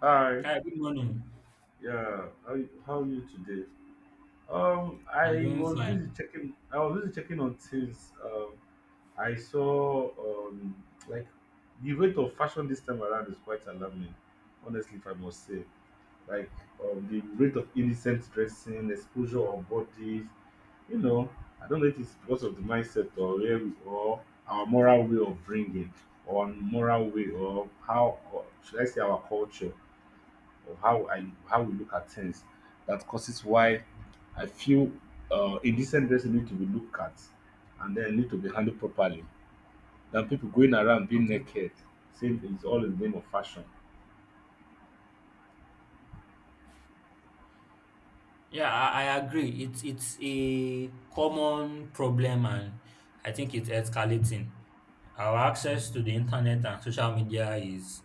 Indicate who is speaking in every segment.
Speaker 1: Hi,
Speaker 2: Hi, good morning.
Speaker 1: yeah, how are you today?
Speaker 2: I'm
Speaker 1: I
Speaker 2: doing
Speaker 1: was busy
Speaker 2: fine.
Speaker 1: checking. I was busy checking on things. I saw like the rate of fashion this time around is quite alarming. Honestly, if I must say, like the rate of innocent dressing, exposure of bodies. You know, I don't know if it's because of the mindset or where we or our moral way of bringing or moral way or how or should I say our culture of how we look at things that causes why I feel indecent dressing need to be looked at and then need to be handled properly than people going around being
Speaker 2: Okay.
Speaker 1: naked saying it's all in the name of fashion.
Speaker 2: Yeah, I agree. It's a common problem, and I think it's escalating. Our access to the internet and social media is,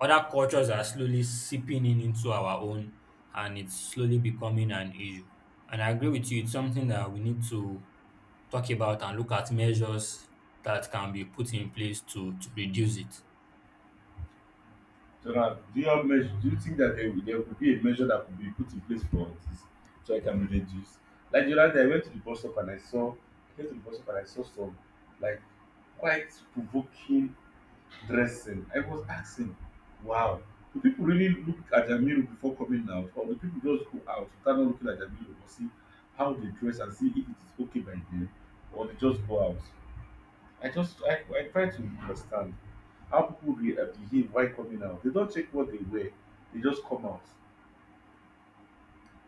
Speaker 2: other cultures are slowly seeping in into our own, and it's slowly becoming an issue. And I agree with you, it's something that we need to talk about and look at measures that can be put in place to reduce it.
Speaker 1: So now, do you have measure? Do you think that there could be a measure that could be put in place for this so I can reduce? Like the other day, I went to the bus stop and I saw, I went to the bus stop and I saw some like quite provoking dressing. I was asking, wow, do people really look at their mirror before coming out, or do people just go out without not looking at their mirror or see how they dress and see if it is okay by them, or they just go out? I try to understand how people behave while coming out. They don't check what they wear; they just come out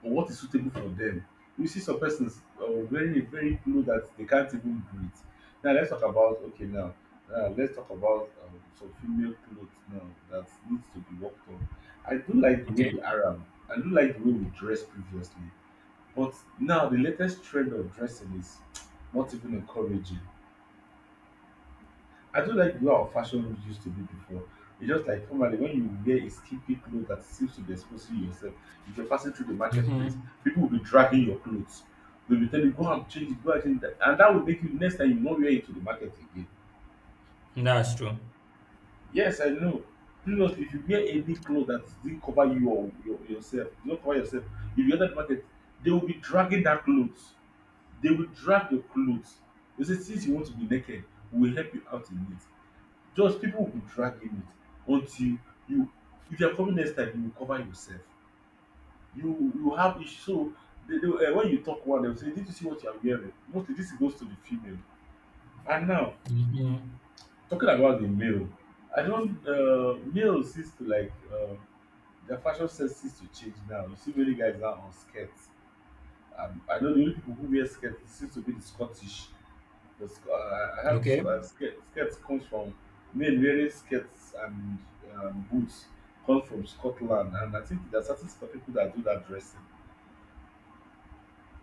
Speaker 1: on what is suitable for them. You see some persons very very low that they can't even breathe. Now let's talk about okay now. Now let's talk about some female clothes now that needs to be worked on. I do like the way
Speaker 2: Okay.
Speaker 1: the Arab. I do like the way we dress previously, but now the latest trend of dressing is not even encouraging. I don't like the way our fashion looks used to be before. It's just like formerly when you wear a skimpy cloth that seems to be exposing yourself, if you're passing through the marketplace,
Speaker 2: Mm-hmm.
Speaker 1: people will be dragging your clothes. They'll be telling you, go and change, it, go and change that. And that will make you next time you won't wear it to the market again.
Speaker 2: That's true.
Speaker 1: Yes, I know. Previously, if you wear any cloth that didn't cover you or yourself, you don't cover yourself, if you enter the market, they will be dragging that clothes. They will drag your clothes. They say, since you want to be naked, we will help you out in it. Just people will be dragging it until you if you're coming next time you will cover yourself. You have issue, so they, when you talk one they will say, did you see what you are wearing? Mostly this goes to the female. And now
Speaker 2: Mm-hmm.
Speaker 1: talking about the male, I don't male seems to their fashion sense seems to change. Now you see many guys now on skirts. I know the only people who wear skirts seems to be the Scottish. The sc- I had sc-
Speaker 2: Okay,
Speaker 1: skirt. Skirt comes from men wearing skirts and boots, come from Scotland, and I think there are certain set of people that do that dressing,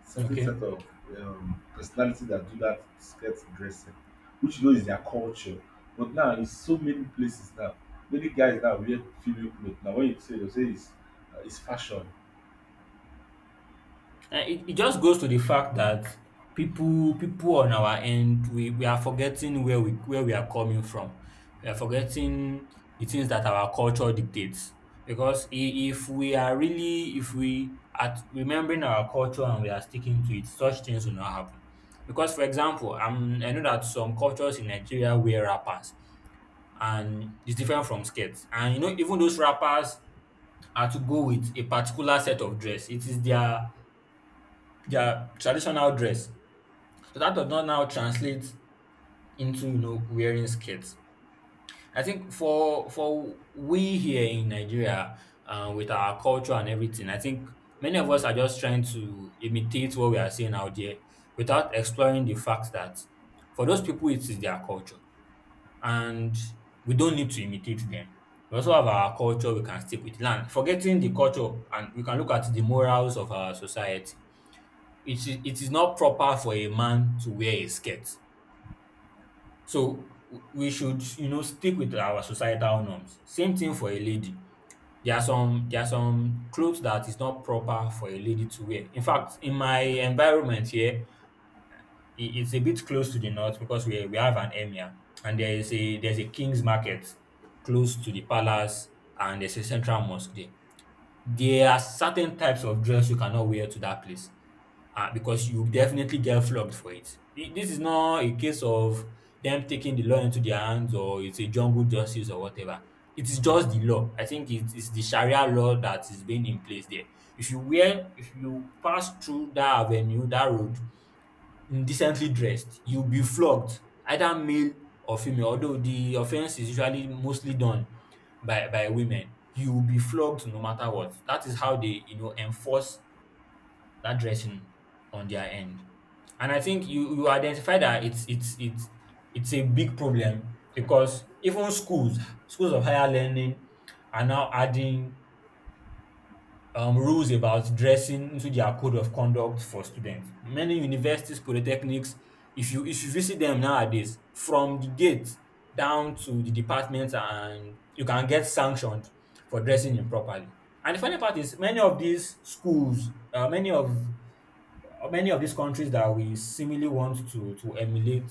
Speaker 1: certain
Speaker 2: okay.
Speaker 1: set of personality that do that skirt dressing, which you know is their culture. But now in so many places now, many guys now wear female clothes. Now when you say it's fashion.
Speaker 2: It just goes to the fact that people on our end, we are forgetting where we are coming from. We are forgetting the things that our culture dictates. Because if we are remembering our culture and we are sticking to it, such things will not happen. Because for example, I know that some cultures in Nigeria wear wrappers, and it's different from skirts. And even those wrappers are to go with a particular set of dress. It is their traditional dress. So that does not now translate into wearing skirts. I think for we here in Nigeria, with our culture and everything, I think many of us are just trying to imitate what we are seeing out there, without exploring the fact that for those people it is their culture, and we don't need to imitate them. We also have our culture we can stick with, land, forgetting the culture, and we can look at the morals of our society. It is not proper for a man to wear a skirt. So we should, stick with our societal norms. Same thing for a lady. There are some clothes that is not proper for a lady to wear. In fact, in my environment here, it's a bit close to the north, because we have an emir, and there's a king's market close to the palace, and there's a central mosque there. There are certain types of dress you cannot wear to that place, because you definitely get flogged for it. This is not a case of them taking the law into their hands, or it's a jungle justice or whatever. It is just the law. I think it is the Sharia law that is being in place there. If you pass through that avenue, that road, indecently dressed, you'll be flogged, either male or female, although the offense is usually mostly done by women. You will be flogged no matter what. That is how they, enforce that dressing on their end. And I think you identify that it's a big problem, because even schools, schools of higher learning are now adding rules about dressing into their code of conduct for students. Many universities, polytechnics, if you visit them nowadays, from the gate down to the department, and you can get sanctioned for dressing improperly. And the funny part is, many of these schools, many of these countries that we seemingly want to emulate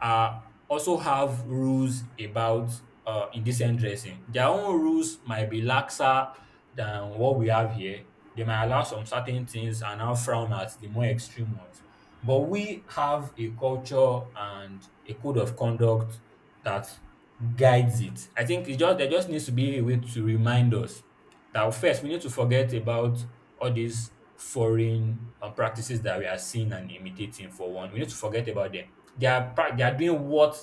Speaker 2: are, also have rules about indecent dressing. Their own rules might be laxer than what we have here. They might allow some certain things, and now frown at the more extreme ones. But we have a culture and a code of conduct that guides it. I think it just there just needs to be a way to remind us. Now, first, we need to forget about all these foreign practices that we are seeing and imitating. For one, we need to forget about them. They are they are doing what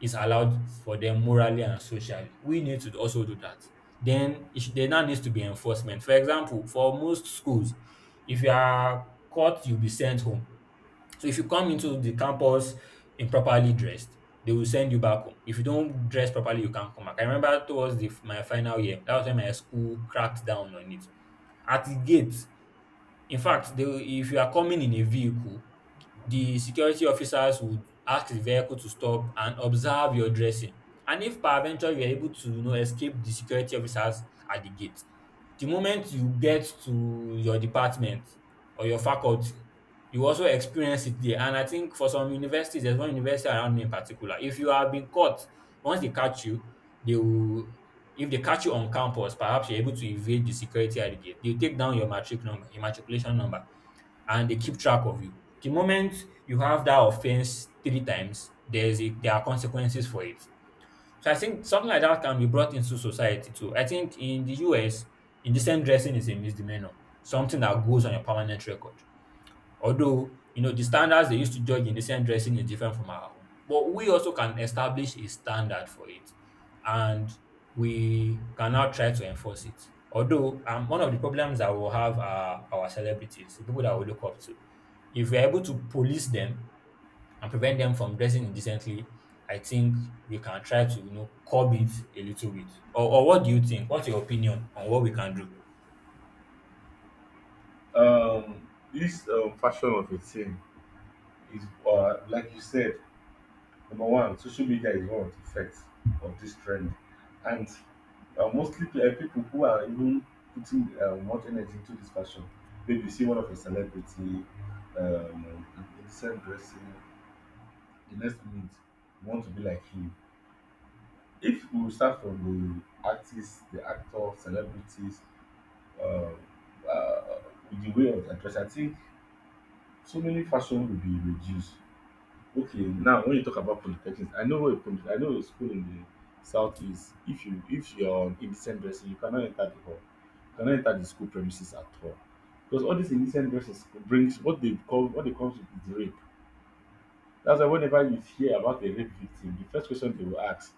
Speaker 2: is allowed for them morally and socially. We need to also do that. Then there now needs to be enforcement. For example, for most schools, if you are caught, you'll be sent home. So if you come into the campus improperly dressed, they will send you back home. If you don't dress properly, you can't come back. I remember towards my final year, that was when my school cracked down on it. At the gate, in fact, they will if you are coming in a vehicle, the security officers would ask the vehicle to stop and observe your dressing. And if peradventure you are able to, escape the security officers at the gate, the moment you get to your department or your faculty, you also experience it there. And I think for some universities, there's one university around me in particular, if you have been caught, once they catch you, they will if they catch you on campus, perhaps you're able to evade the security at the gate. They'll take down your matric number, your matriculation number, and they keep track of you. The moment you have that offense three times, there are consequences for it. So I think something like that can be brought into society too. I think in the US, indecent dressing is a misdemeanor, something that goes on your permanent record. Although, the standards they used to judge indecent dressing is different from our own, but we also can establish a standard for it, and we can now try to enforce it. Although, one of the problems that we'll have are our celebrities, the people that we look up to. If we're able to police them and prevent them from dressing indecently, I think we can try to, curb it a little bit. Or what do you think? What's your opinion on what we can do?
Speaker 1: Um, this fashion of a thing is like you said. Number one, social media is one of the effects of this trend, and uh, people who are even putting much energy into this fashion. Maybe you see one of a celebrity, um, in decent dressing, the next minute you want to be like him. If we start from the artists, the actors, celebrities, uh, uh, with the way of their dress, I think so many fashion will be reduced. Okay, now when you talk about polytechnics, I know a school in the southeast. If you're on indecent dressing, you cannot enter the hall. You cannot enter the school premises at all. Because all these indecent dresses brings what they comes with is rape. That's why whenever you hear about a rape victim, the first question they will ask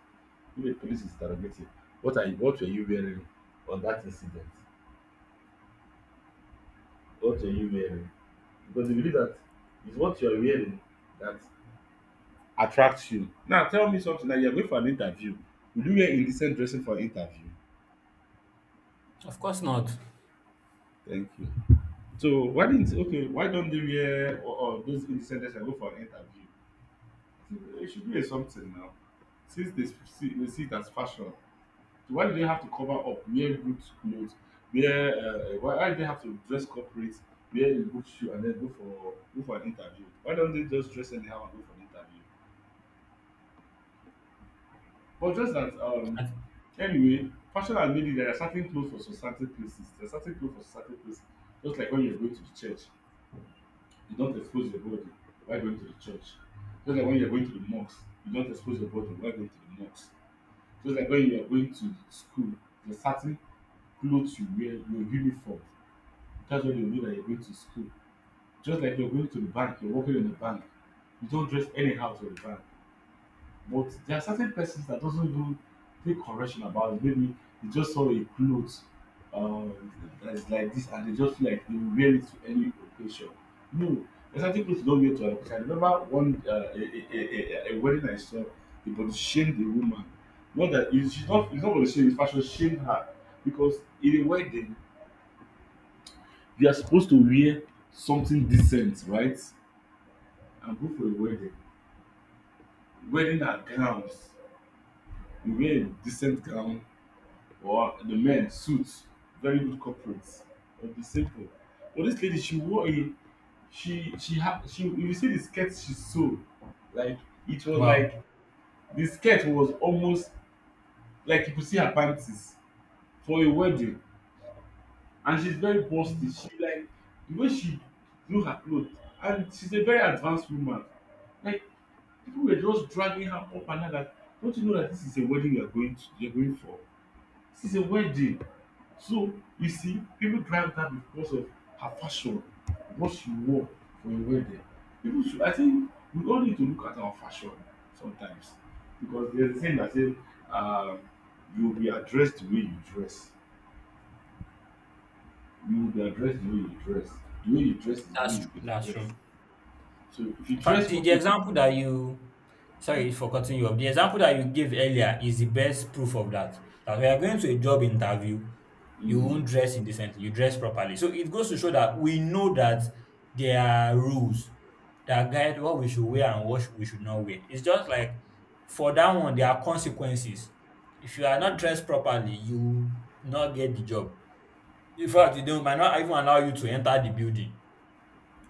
Speaker 1: if a police is interrogating, what were you wearing on that incident? What were you wearing? Because they believe that it's what you are wearing that attracts you. Now tell me something that you're going for an interview. Will you wear indecent dressing for interview?
Speaker 2: Of course not.
Speaker 1: Thank you. So why didn't okay, why don't they wear or those indecent dressing and go for an interview? I think it should be a something now. They see it as fashion. So why do they have to cover up, wear good clothes, wear why do they have to dress corporate, wear a good shoe and then go for an interview? Why don't they just dress anyhow and go for an interview? But just that
Speaker 2: And-
Speaker 1: anyway, fashion has made it that there are certain clothes for certain places. There are certain clothes for certain places. Just like when you're going to the church, you don't expose your body while going to the church. Just like when you're going to the mosque, you don't expose your body while going to the mosque. Just like when you're going to school, there are certain clothes you wear, your uniform. That's when you know that you're going to school. Just like you're going to the bank, you're working in the bank. You don't dress anyhow to the bank. But there are certain persons that doesn't do take correction about it. Maybe they just saw a clothes um, that is like this and they just feel like they will wear it to any occasion. No, there's certain clothes you don't wear to any occasion. I remember one a wedding I saw, the body shamed the woman. Not that it's she's not it's not going to shame, it's fashion shame her because in a wedding they are supposed to wear something decent, right? And go for a wedding. Wedding are gowns. You wear a decent gown or the men suits, very good corporates, or the simple. But this lady, she wore a she had she if you see the skirt she sew, like it was like
Speaker 2: Wow,
Speaker 1: the skirt was almost like you could see her panties for a wedding, and she's very busty. She like the way she do her clothes, and she's a very advanced woman. Like people were just dragging her up and down. That don't you know that this is a wedding you are going to? You're going for. This is a wedding. So you see, people drive that because of her fashion, what she wore for a wedding. People should, I think, we all need to look at our fashion sometimes because there's a saying that says, um, you will be addressed the way you dress. You will be addressed the way you dress. The way you dress is the way
Speaker 2: that's
Speaker 1: you
Speaker 2: true.
Speaker 1: can
Speaker 2: That's
Speaker 1: dress.
Speaker 2: true.
Speaker 1: So if you
Speaker 2: In fact,
Speaker 1: dress
Speaker 2: the
Speaker 1: corporately,
Speaker 2: example that you, sorry
Speaker 1: in,
Speaker 2: for cutting you off, the example that you gave earlier is the best proof of that. That we are going to a job interview, you won't
Speaker 1: in,
Speaker 2: dress indecently, you dress properly. So it goes to show that we know that there are rules that guide what we should wear and what we should not wear. It's just like for that one, there are consequences. If you are not
Speaker 1: in,
Speaker 2: dressed properly, you not get the job. In fact, they don't- might not even allow you to enter the building.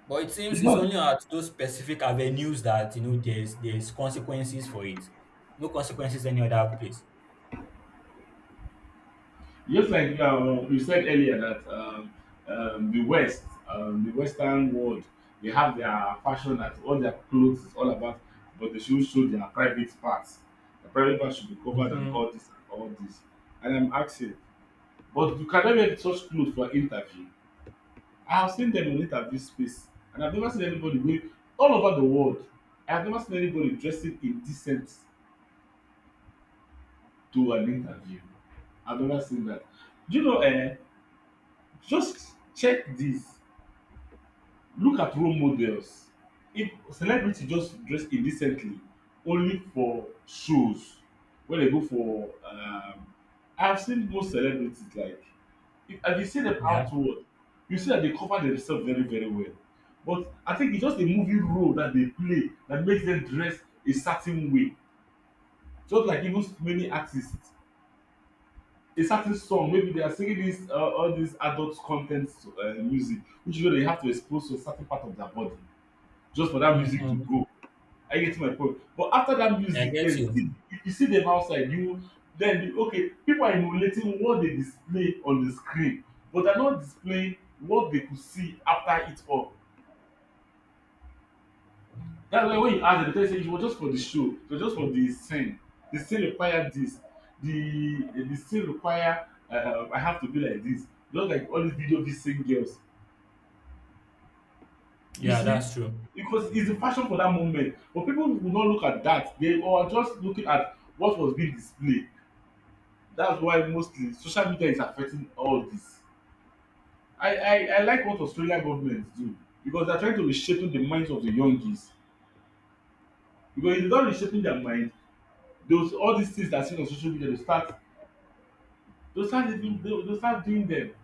Speaker 2: But it seems
Speaker 1: it's
Speaker 2: it's
Speaker 1: not.
Speaker 2: only at those specific avenues that you know there's consequences for it. No consequences any other place.
Speaker 1: Just like you said earlier that the West, the Western world, they have their fashion that all their clothes is all about, but they should show their private parts. The private parts should be covered and
Speaker 2: Mm-hmm.
Speaker 1: all this and all this. And I'm asking, but you cannot wear such clothes for interview. I have seen them in interview space, and I've never seen anybody going all over the world. I have never seen anybody dressing indecent to an interview. I've never seen that. Do you know? Just check this. Look at role models. If celebrity just dress indecently only for shows when they go for I have seen most celebrities like if and you see dem
Speaker 2: Yeah.
Speaker 1: outward you see that they cover themselves very very well, but I think it's just a movie role that they play that makes them dress a certain way, just like even many artists a certain song maybe they are singing this all dis adult con ten music, which you know they have to expose to a certain part of their body just for that music to
Speaker 2: Mm-hmm.
Speaker 1: go. Are you getting my point? But after that
Speaker 2: I
Speaker 1: music,
Speaker 2: get
Speaker 1: then
Speaker 2: you.
Speaker 1: see, if you see them outside, you then you, okay, people are emulating what they display on the screen, but they're not displaying what they could see after it all. That's why when you ask them, they tell you say it was just for the show, it was just for the scene. The scene require this. The scene require I have to be like this. Just like all these video these same girls. You
Speaker 2: Yeah,
Speaker 1: see,
Speaker 2: that's true.
Speaker 1: because it's the fashion for that moment. But people will not look at that. They are just looking at what was being displayed. That's why mostly social media is affecting all this. I like what Australia government do because they're trying to reshape the minds of the youngies. Because if they don't reshaping their mind, those all these things that are seen on social media, they start even they start doing them.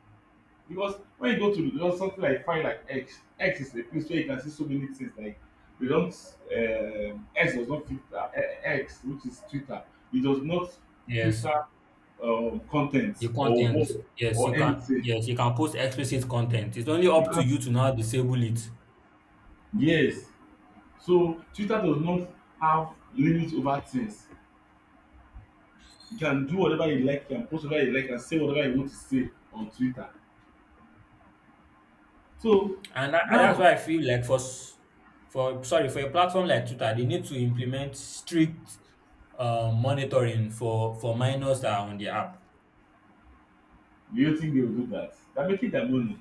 Speaker 1: Because when you go to you know, something like find like X, X is a place where you can see so many things like they don't X does not filter X which is Twitter, it does not
Speaker 2: Yes.
Speaker 1: filter content
Speaker 2: The
Speaker 1: or
Speaker 2: content.
Speaker 1: word
Speaker 2: Yes, you
Speaker 1: or
Speaker 2: can
Speaker 1: anything.
Speaker 2: yes, you can post explicit content. It's only
Speaker 1: You
Speaker 2: up to
Speaker 1: can,
Speaker 2: you to now disable it.
Speaker 1: yes, so Twitter does not have limit over things. You can do whatever you like, you can post whatever you like and say whatever you want to say on Twitter, so
Speaker 2: And that's
Speaker 1: now,
Speaker 2: why I feel like for s- for sorry, for a platform like Twitter, they need to implement strict monitoring for minors that are on the app.
Speaker 1: do you think they will do that? They are making their money.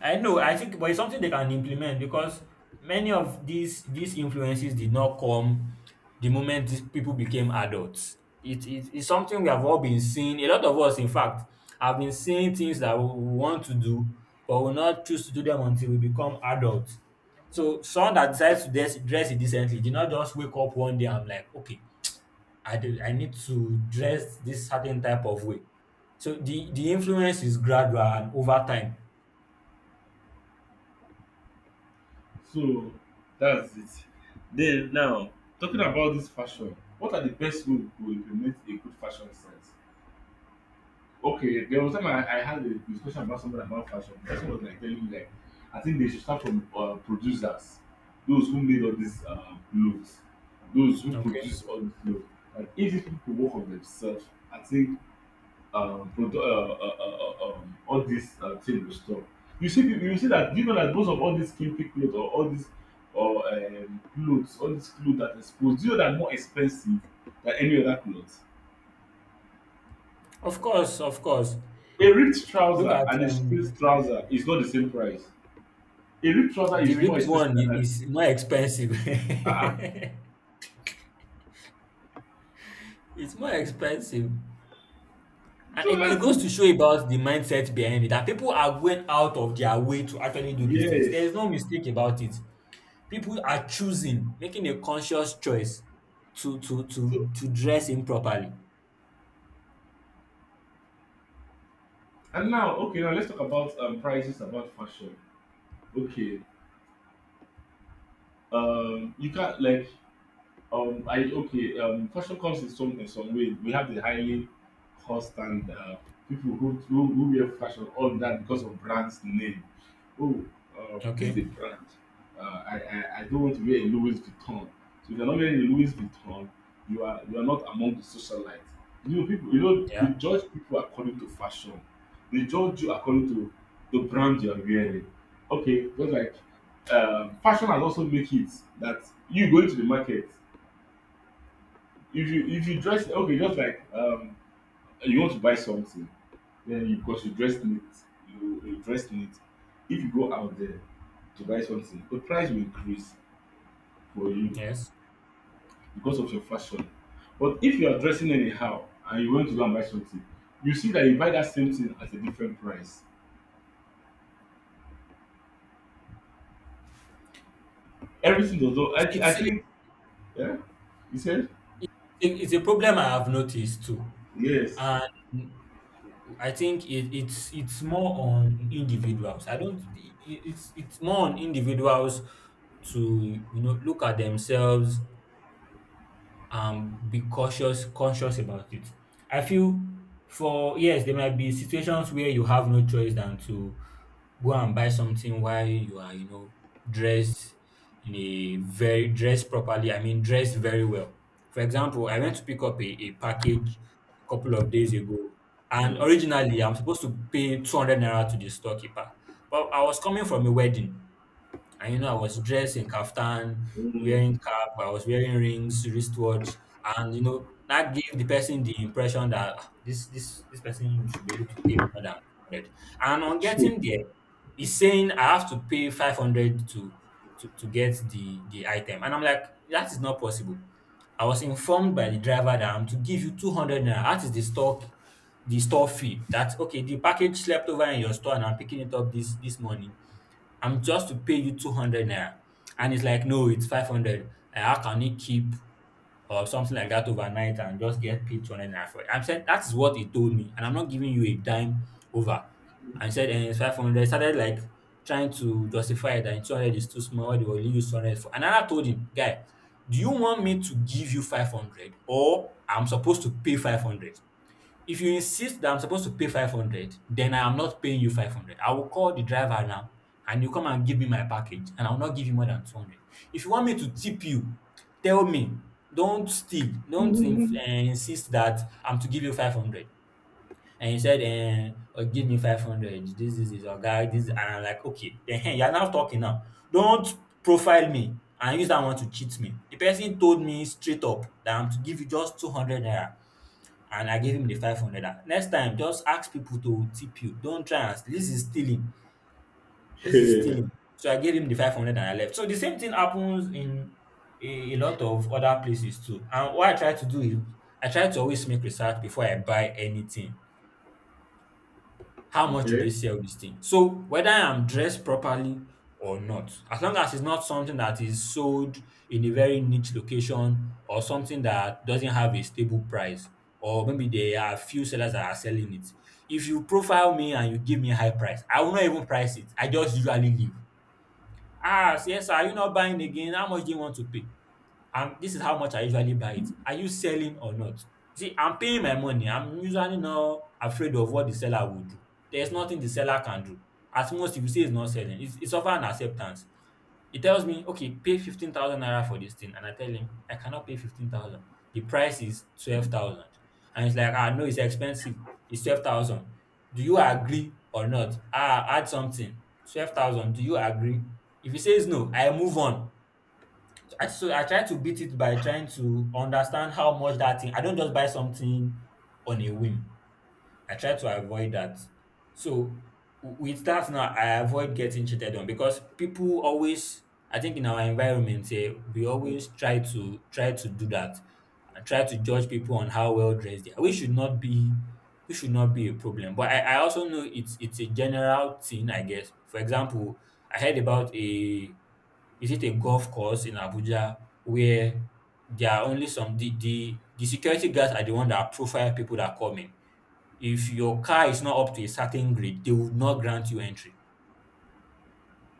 Speaker 2: I know, I think, but it's something they can implement, because many of these influences did not come the moment these people became adults. It's something we have all been seeing. A lot of us, in fact, have been seeing things that we want to do, but will not choose to do them until we become adults. So someone that decides to dress it decently did not just wake up one day and like, okay, I need to dress this certain type of way. So the influence is gradual and over time.
Speaker 1: So that's it. Then now talking about this fashion, what are the best way to implement a good fashion sense? Okay, there was time I had a discussion about something about fashion. The person was like telling me like, I think they should start from producers, those who made all these clothes, those who
Speaker 2: Okay.
Speaker 1: produce all the clothes. Like if these people work on themselves, I think all these table stuff. You see, you see that, do you know that most of all these skimpy clothes or all these or clothes, all these clothes that exposed, do you know that more expensive than any other clothes?
Speaker 2: Of course, of course.
Speaker 1: A ripped
Speaker 2: Look
Speaker 1: trouser
Speaker 2: at
Speaker 1: and a straight trouser is not the same price. A ripped trouser
Speaker 2: the
Speaker 1: is more
Speaker 2: ripped
Speaker 1: expensive
Speaker 2: one
Speaker 1: than a
Speaker 2: is more expensive.
Speaker 1: uh,
Speaker 2: It's more expensive. And
Speaker 1: so
Speaker 2: it
Speaker 1: that's
Speaker 2: goes to
Speaker 1: it.
Speaker 2: show about the mindset behind it, that people are going out of their way to actually do these things. There is
Speaker 1: Yes.
Speaker 2: no mistake about it. People are choosing, making a conscious choice to to
Speaker 1: So
Speaker 2: to to dress improperly.
Speaker 1: and now, okay, now let's talk about prices about fashion. Okay. You can't like I okay. Fashion comes in some way. We have the highly cost and people who, who wear fashion all that because of brand's name. Oh, this is a
Speaker 2: Okay.
Speaker 1: brand. Uh, I don't want to wear a Louis Vuitton. So if you're not wearing a Louis Vuitton, you are not among the socialites. You know people. You know
Speaker 2: Yeah.
Speaker 1: they judge people according to fashion. They judge you according to the brand you are wearing. Okay, just like fashion has also make it that you go into the market, if you dress okay, just like you want to buy something, then you, because you dress it, you dress neat, if you go out there to buy something the price will increase for you
Speaker 2: Yes.
Speaker 1: because of your fashion. But if you are dressing anyhow and you want to go and buy something, you see that you buy that same thing at a different price. Everything does not
Speaker 2: Yes,
Speaker 1: I
Speaker 2: It's it's,
Speaker 1: think, yeah, you said,
Speaker 2: it's a problem I have noticed too,
Speaker 1: yes.
Speaker 2: and I think it's more on individuals. I don't. It's more on individuals to look at themselves, and be cautious, conscious about it. I feel for, yes, there might be situations where you have no choice than to go and buy something while you are, dressed in a very, dressed properly. I mean, dressed very well. For example, I went to pick up a package a couple of days ago, and
Speaker 1: Mm.
Speaker 2: originally I'm supposed to pay 200 naira to the storekeeper, but I was coming from a wedding. And I was dressed in kaftan,
Speaker 1: Mm.
Speaker 2: wearing cap, I was wearing rings, wristwatch, and that gave the person the impression that, "Ah, this person should be able to pay me more than 100." And on getting there, he's saying I have to pay 500 to get the item. And I'm like, that is not possible. I was informed by the driver that I'm to give you 200 naira. That is the store fee that, okay, the package slept over in your store and I'm picking it up this morning. I'm just to pay you 200 naira. And it's like, no, it's 500. How can you keep or something like that overnight and just get paid 200 naira for it? I'm saying that is what he told me. And I'm not giving you a dime over. And he said, and it's 500. Started like trying to justify that 200 is too small. What they will use 200 for. And I told him, guy, do you want me to give you 500 or I'm supposed to pay 500? If you insist that I'm supposed to pay 500, then I am not paying you 500. I will call the driver now and you come and give me my package and I will not give you more than 200. If you want me to tip you, tell me. Don't steal. Don't insist that I'm to give you 500. And he said, give me 500. This is our guy. This, and I'm like, okay. Then hey, you're now talking now. Don't profile me and use that one to cheat me. The person told me straight up that I'm to give you just 200 naira, and I gave him the 500 naira. Next time, just ask people to tip you. Don't try, and this is stealing. This is stealing. So I gave him the 500 and I left. So the same thing happens in a lot of other places too. And what I try to do is I try to always make research before I buy anything. How much do they
Speaker 1: Okay.
Speaker 2: sell this thing? So whether I'm dressed properly or not, as long as it's not something that is sold in a very niche location, or something that doesn't have a stable price, or maybe there are few sellers that are selling it. If you profile me and you give me a high price, I will not even price it. I just usually leave. Ah, yes, sir, are you not buying again? How much do you want to pay? And this is how much I usually buy it. Are you selling or not? You see, I'm paying my money. I'm usually not afraid of what the seller will do. There's nothing the seller can do. At most, if you say he's not selling, it's offer an acceptance. He tells me, okay, pay 15,000 naira for this thing. And I tell him, I cannot pay 15,000. The price is 12,000. And he's like, ah, no, it's expensive. It's 12,000. Do you agree or not? Ah, add something. 12,000. Do you agree? If he says no, I move on. So I try to beat it by trying to understand how much that thing, I don't just buy something on a whim. I try to avoid that. So with that now, I avoid getting cheated on because people always, I think, in our environment here, we always try to do that and try to judge people on how well dressed they are. We should not be a problem. But I also know it's a general thing, I guess. For example, I heard about a, is it a, golf course in Abuja, where there are only the security guards are the one that profile people that come in. If your car is not up to a certain grade, they will not grant you entry.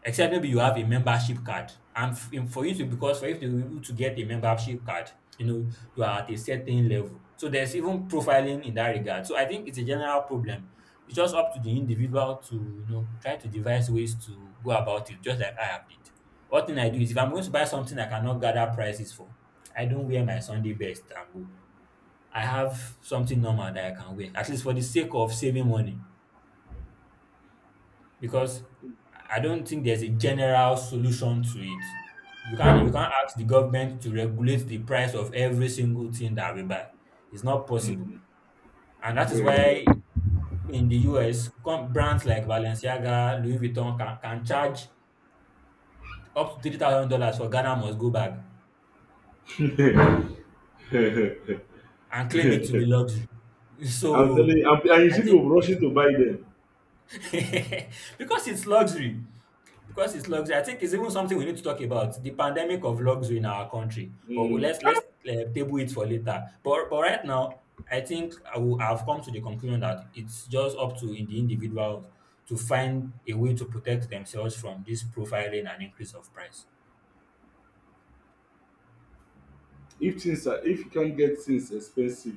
Speaker 2: Except maybe you have a membership card. And for you to, because for you to be able to get a membership card, you know, you are at a certain level. So there's even profiling in that regard. So I think it's a general problem. It's just up to the individual to, you know, try to devise ways to go about it, just like I have did. One thing I do is if I'm going to buy something I cannot gather prices for, I don't wear my Sunday best and go. I have something normal that I can wear, at least for the sake of saving money. Because I don't think there's a general solution to it. You can't ask the government to regulate the price of every single thing that we buy. It's not possible, and that is
Speaker 1: Very
Speaker 2: why in the US, brands like Balenciaga, Louis Vuitton can charge up to $3,000 for Ghana must go bag
Speaker 1: well.
Speaker 2: and claim it to be luxury.
Speaker 1: I'm telling
Speaker 2: So
Speaker 1: you, and you
Speaker 2: I
Speaker 1: see
Speaker 2: think,
Speaker 1: people rushing to buy them.
Speaker 2: because it's luxury, because it's luxury, I think it's even something we need to talk about, the pandemic of luxury in our country. But we-
Speaker 1: Mm,
Speaker 2: let's let's uh, table it for later. But right now, I think I've come to the conclusion that it's just up to in the individuals to find a way to protect themselves from this profiling and increase of price.
Speaker 1: if things are, if you can't get things expensive,